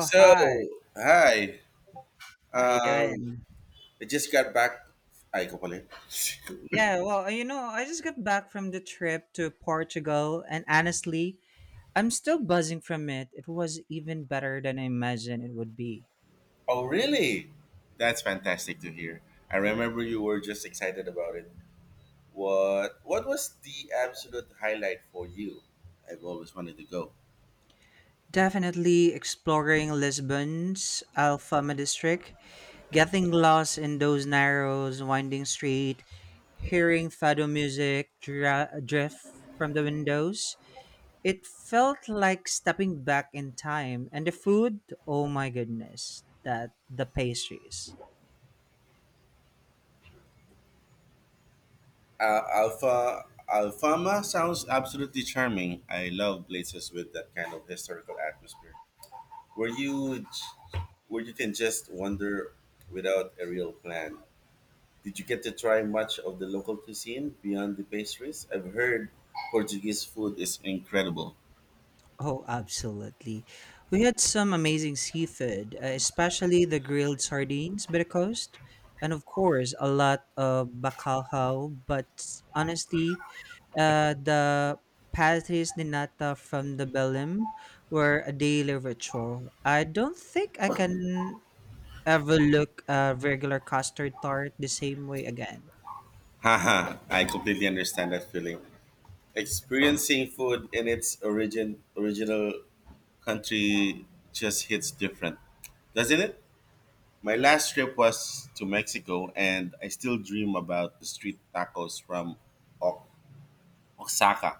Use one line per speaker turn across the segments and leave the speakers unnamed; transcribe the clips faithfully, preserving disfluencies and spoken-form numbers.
Oh, hi.
hi.
How you
Um,
doing?
I just got back. I Kapolay.
Yeah, well, you know, I just got back from the trip to Portugal, and honestly, I'm still buzzing from it. It was even better than I imagined it would be.
Oh, really? That's fantastic to hear. I remember you were just excited about it. What What was the absolute highlight for you? I've always wanted to go.
Definitely exploring Lisbon's Alfama district, getting lost in those narrow, winding street, hearing fado music dra- drift from the windows. It felt like stepping back in time, and the food, oh my goodness, that the pastries.
Uh, Alpha Alfama sounds absolutely charming. I love places with that kind of historical atmosphere, where you j- where you can just wander without a real plan. Did you get to try much of the local cuisine beyond the pastries? I've heard Portuguese food is incredible.
Oh, absolutely. We had some amazing seafood, uh, especially the grilled sardines by the coast, and of course, a lot of bacalhau. But honestly, uh, the pastries de nata from the Belém were a daily ritual. I don't think I can ever look a regular custard tart the same way again.
Haha, I completely understand that feeling. Experiencing food in its origin original country just hits different, doesn't it? My last trip was to Mexico and I still dream about the street tacos from o- Oaxaca.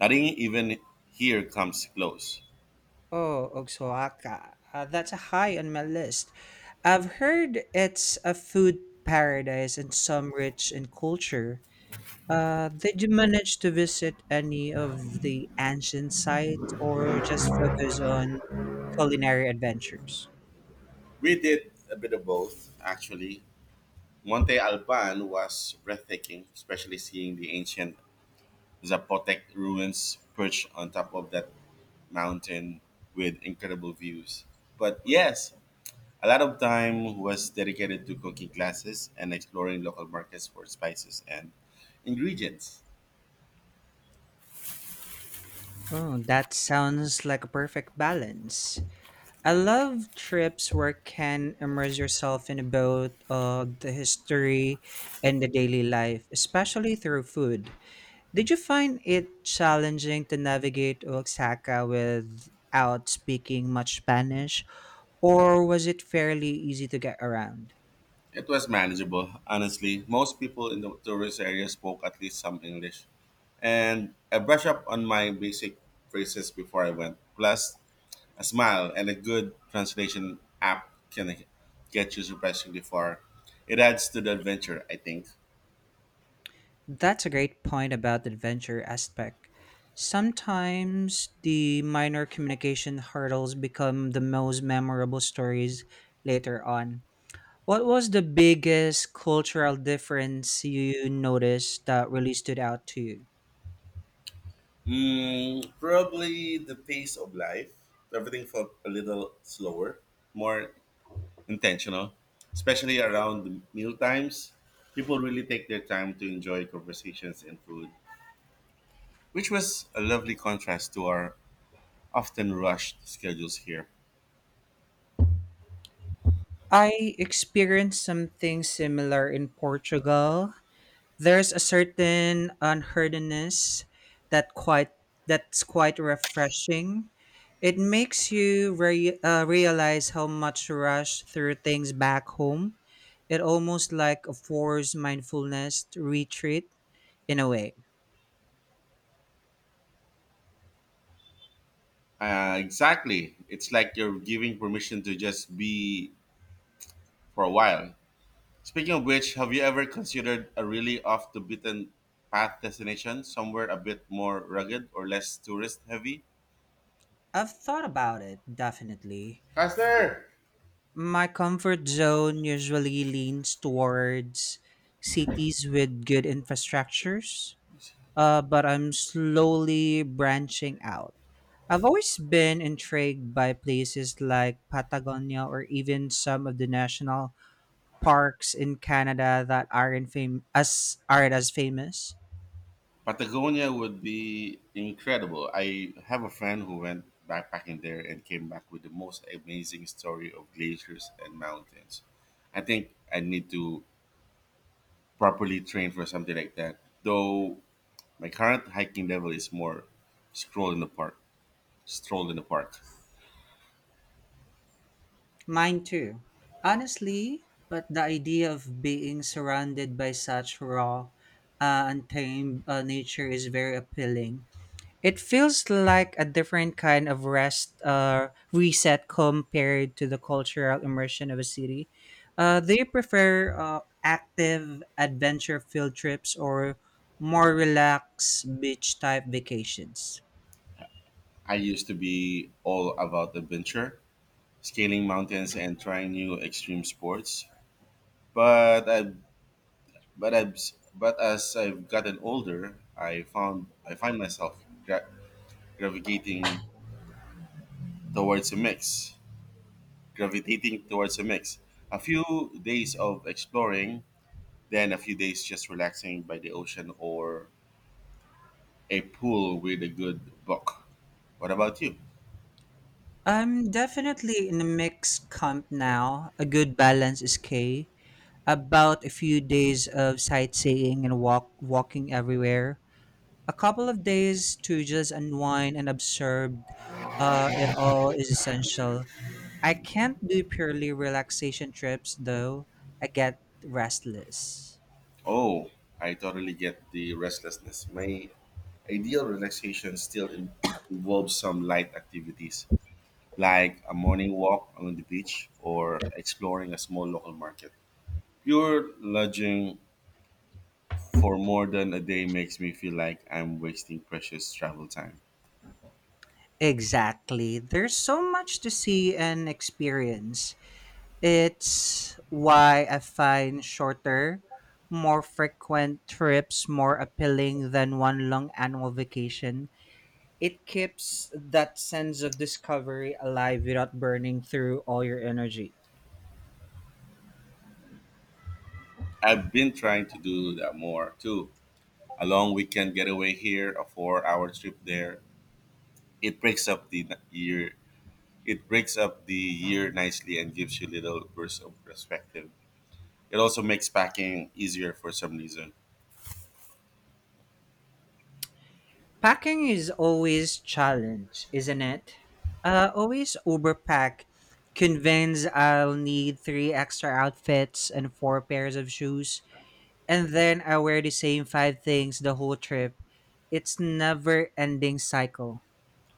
Nothing even here comes close.
Oh, Oaxaca. Uh, that's a high on my list. I've heard it's a food paradise and some rich in culture. Uh, did you manage to visit any of the ancient sites or just focus on culinary adventures?
We did a bit of both, actually. Monte Alban was breathtaking, especially seeing the ancient Zapotec ruins perched on top of that mountain with incredible views. But yes, a lot of time was dedicated to cooking classes and exploring local markets for spices and ingredients.
Oh, that sounds like a perfect balance. I love trips where can immerse yourself in both uh, the history and the daily life, especially through food. Did you find it challenging to navigate Oaxaca without speaking much Spanish, or was it fairly easy to get around?
It was manageable, honestly. Most people in the tourist area spoke at least some English. And I brushed up on my basic phrases before I went. Plus, a smile and a good translation app can get you surprisingly far. It adds to the adventure, I think.
That's a great point about the adventure aspect. Sometimes the minor communication hurdles become the most memorable stories later on. What was the biggest cultural difference you noticed that really stood out to you?
Mm, probably the pace of life. Everything felt a little slower, more intentional, especially around the meal times. People really take their time to enjoy conversations and food, which was a lovely contrast to our often rushed schedules here.
I experienced something similar in Portugal. There's a certain unhurriedness that quite that's quite refreshing. It makes you re- uh, realize how much rush through things back home. It almost like a forced mindfulness retreat in a way.
Uh, exactly. It's like you're giving permission to just be for a while. Speaking of which, have you ever considered a really off the beaten path destination, somewhere a bit more rugged or less tourist heavy?
I've thought about it definitely.
Faster!
My comfort zone usually leans towards cities with good infrastructures, uh, but I'm slowly branching out. I've always been intrigued by places like Patagonia or even some of the national parks in Canada that aren't fam- as aren't as famous.
Patagonia would be incredible. I have a friend who went backpacking there and came back with the most amazing story of glaciers and mountains. I think I need to properly train for something like that. Though my current hiking level is more stroll in the park. Stroll in the park.
Mine too, honestly. But the idea of being surrounded by such raw, uh, untamed uh, nature is very appealing. It feels like a different kind of rest uh, reset compared to the cultural immersion of a city. Uh, do you prefer uh, active adventure field trips or more relaxed beach type vacations?
I used to be all about adventure, scaling mountains and trying new extreme sports. But I but I but as I've gotten older, I found I find myself gra- gravitating towards a mix, gravitating towards a mix. A few days of exploring, then a few days just relaxing by the ocean or a pool with a good book. What about you?
I'm definitely in a mixed camp now. A good balance is key. About a few days of sightseeing and walk walking everywhere, a couple of days to just unwind and observe, uh, it all is essential. I can't do purely relaxation trips though. I get restless.
Oh, I totally get the restlessness. My ideal relaxation still in- involves some light activities, like a morning walk along the beach or exploring a small local market. Pure lodging for more than a day makes me feel like I'm wasting precious travel time.
Exactly. There's so much to see and experience. It's why I find shorter, more frequent trips more appealing than one long annual vacation. It keeps that sense of discovery alive without burning through all your energy.
I've been trying to do that more too. A long weekend getaway here, a four hour trip there. It breaks up the n- year It breaks up the year nicely and gives you little bursts of perspective. It also makes packing easier for some reason.
Packing is always challenge, isn't it? Uh, always overpack. Convince I'll need three extra outfits and four pairs of shoes, and then I wear the same five things the whole trip. It's never ending cycle.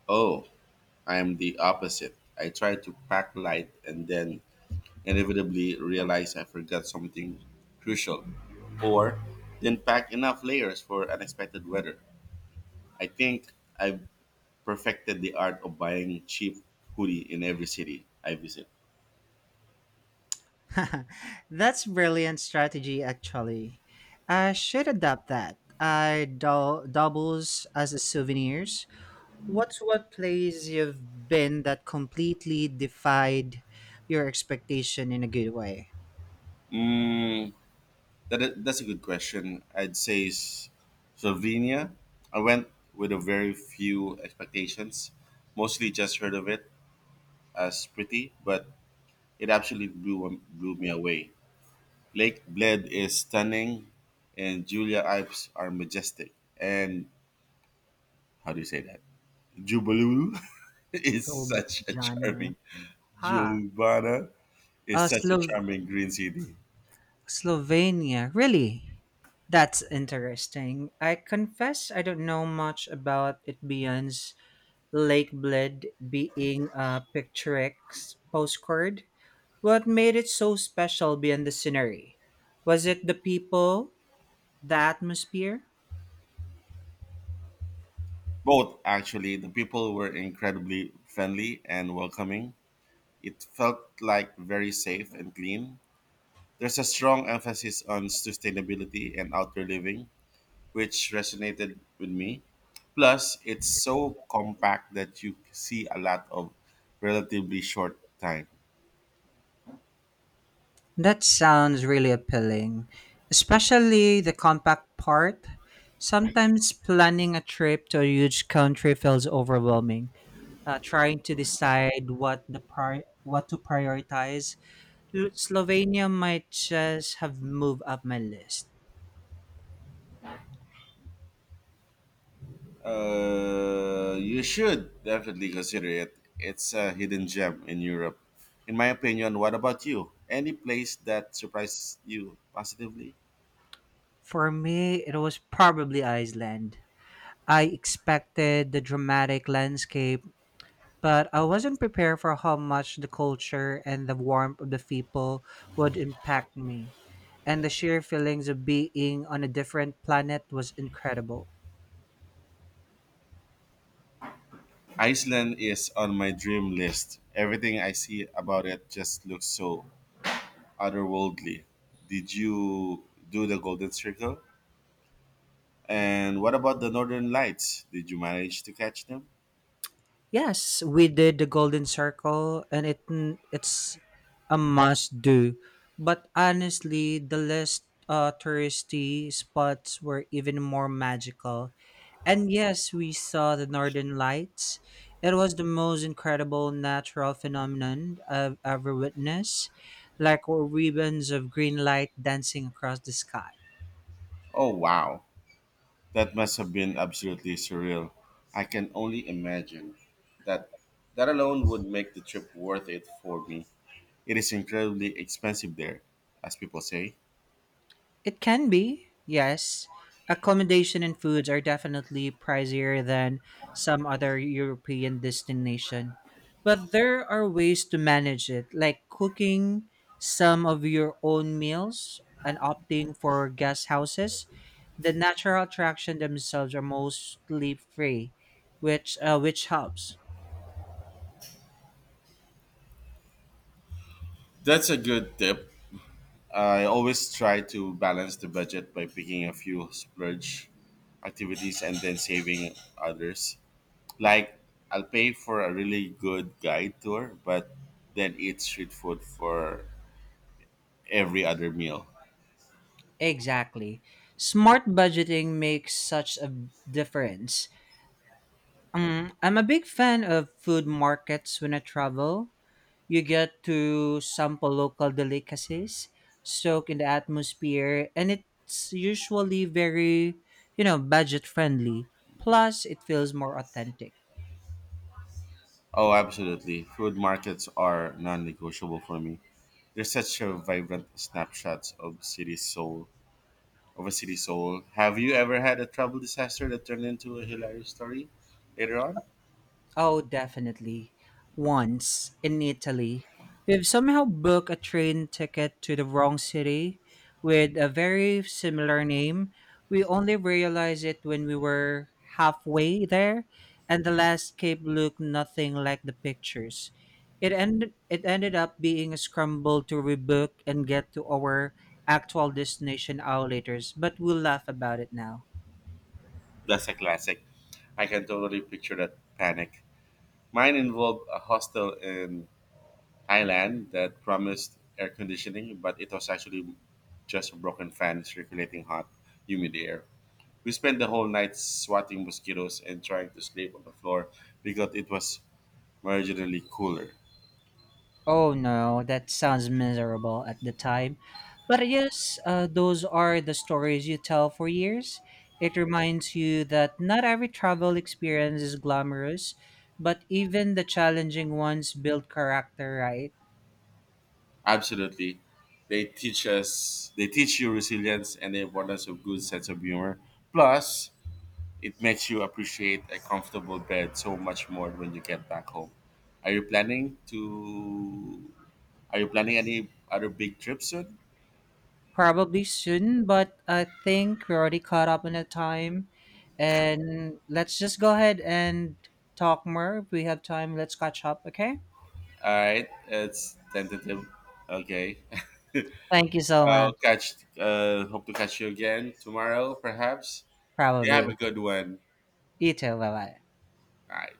Oh, I am the opposite. I try to pack light and then inevitably realize I forgot something crucial or didn't pack enough layers for unexpected weather. I think I've perfected the art of buying cheap hoodie in every city I visit.
That's brilliant strategy, actually. I should adopt that. I dou doubles as a souvenirs. What's what place you've been that completely defied your expectation in a good way?
Mm, That that's a good question. I'd say S- Slovenia. I went with a very few expectations. Mostly just heard of it as pretty, but it absolutely blew blew me away. Lake Bled is stunning, and Julia Alps are majestic. And how do you say that? Jubalulu is
So,
such a
Jana.
charming.
Ah,
Giovanna is
uh,
such a
Slo-
charming green city.
Slovenia. Really? That's interesting. I confess I don't know much about it beyond Lake Bled being a picturesque postcard. What made it so special beyond the scenery? Was it the people, the atmosphere?
Both actually, the people were incredibly friendly and welcoming. It felt like very safe and clean. There's a strong emphasis on sustainability and outdoor living, which resonated with me. Plus, it's so compact that you see a lot of relatively short time.
That sounds really appealing, especially the compact part. Sometimes planning a trip to a huge country feels overwhelming. Uh, trying to decide what the pri- what to prioritize, L- Slovenia might just have moved up my list.
Uh, you should definitely consider it. It's a hidden gem in Europe. In my opinion, what about you? Any place that surprised you positively?
For me, it was probably Iceland. I expected the dramatic landscape, but I wasn't prepared for how much the culture and the warmth of the people would impact me. And the sheer feelings of being on a different planet was incredible.
Iceland is on my dream list. Everything I see about it just looks so otherworldly. Did you do the Golden Circle? And what about the Northern Lights? Did you manage to catch them?
Yes, we did the Golden Circle and it it's a must do. But honestly, the less uh touristy spots were even more magical. And yes, we saw the northern lights. It was the most incredible natural phenomenon I've ever witnessed, like ribbons of green light dancing across the sky.
Oh, wow. That must have been absolutely surreal. I can only imagine that that alone would make the trip worth it for me. It is incredibly expensive there, as people say.
It can be, yes. Accommodation and foods are definitely pricier than some other European destination. But there are ways to manage it, like cooking some of your own meals and opting for guest houses. The natural attraction themselves are mostly free, which uh, which helps.
That's a good tip. I always try to balance the budget by picking a few splurge activities and then saving others. Like I'll pay for a really good guide tour, but then eat street food for every other meal.
Exactly. Smart budgeting makes such a difference. Um, I'm a big fan of food markets when I travel. You get to sample local delicacies, soak in the atmosphere, and it's usually very, you know, budget friendly. Plus, it feels more authentic.
Oh, absolutely. Food markets are non-negotiable for me. They're such a vibrant snapshots of city soul of a city soul. Have you ever had a travel disaster that turned into a hilarious story later on?
Oh, definitely. Once in Italy, we've somehow booked a train ticket to the wrong city with a very similar name. We only realized it when we were halfway there, and the landscape looked nothing like the pictures. It ended it ended up being a scramble to rebook and get to our actual destination hours later, but we'll laugh about it now.
That's a classic. I can totally picture that panic. Mine involved a hostel in Thailand that promised air conditioning, but it was actually just a broken fan circulating hot, humid air. We spent the whole night swatting mosquitoes and trying to sleep on the floor because it was marginally cooler.
Oh no, that sounds miserable at the time. But I guess uh, those are the stories you tell for years. It reminds you that not every travel experience is glamorous, but even the challenging ones build character, right?
Absolutely. They teach us they teach you resilience and the importance of good sense of humor. Plus, it makes you appreciate a comfortable bed so much more when you get back home. Are you planning to? Are you planning any other big trips soon?
Probably soon, but I think we're already caught up in the time. And let's just go ahead and talk more. If we have time, let's catch up, okay?
All right, it's tentative. Okay,
Thank you so much.
I'll catch. Uh, hope to catch you again tomorrow, perhaps. You have a
Probably.
good one.
You too. Bye bye.
All right.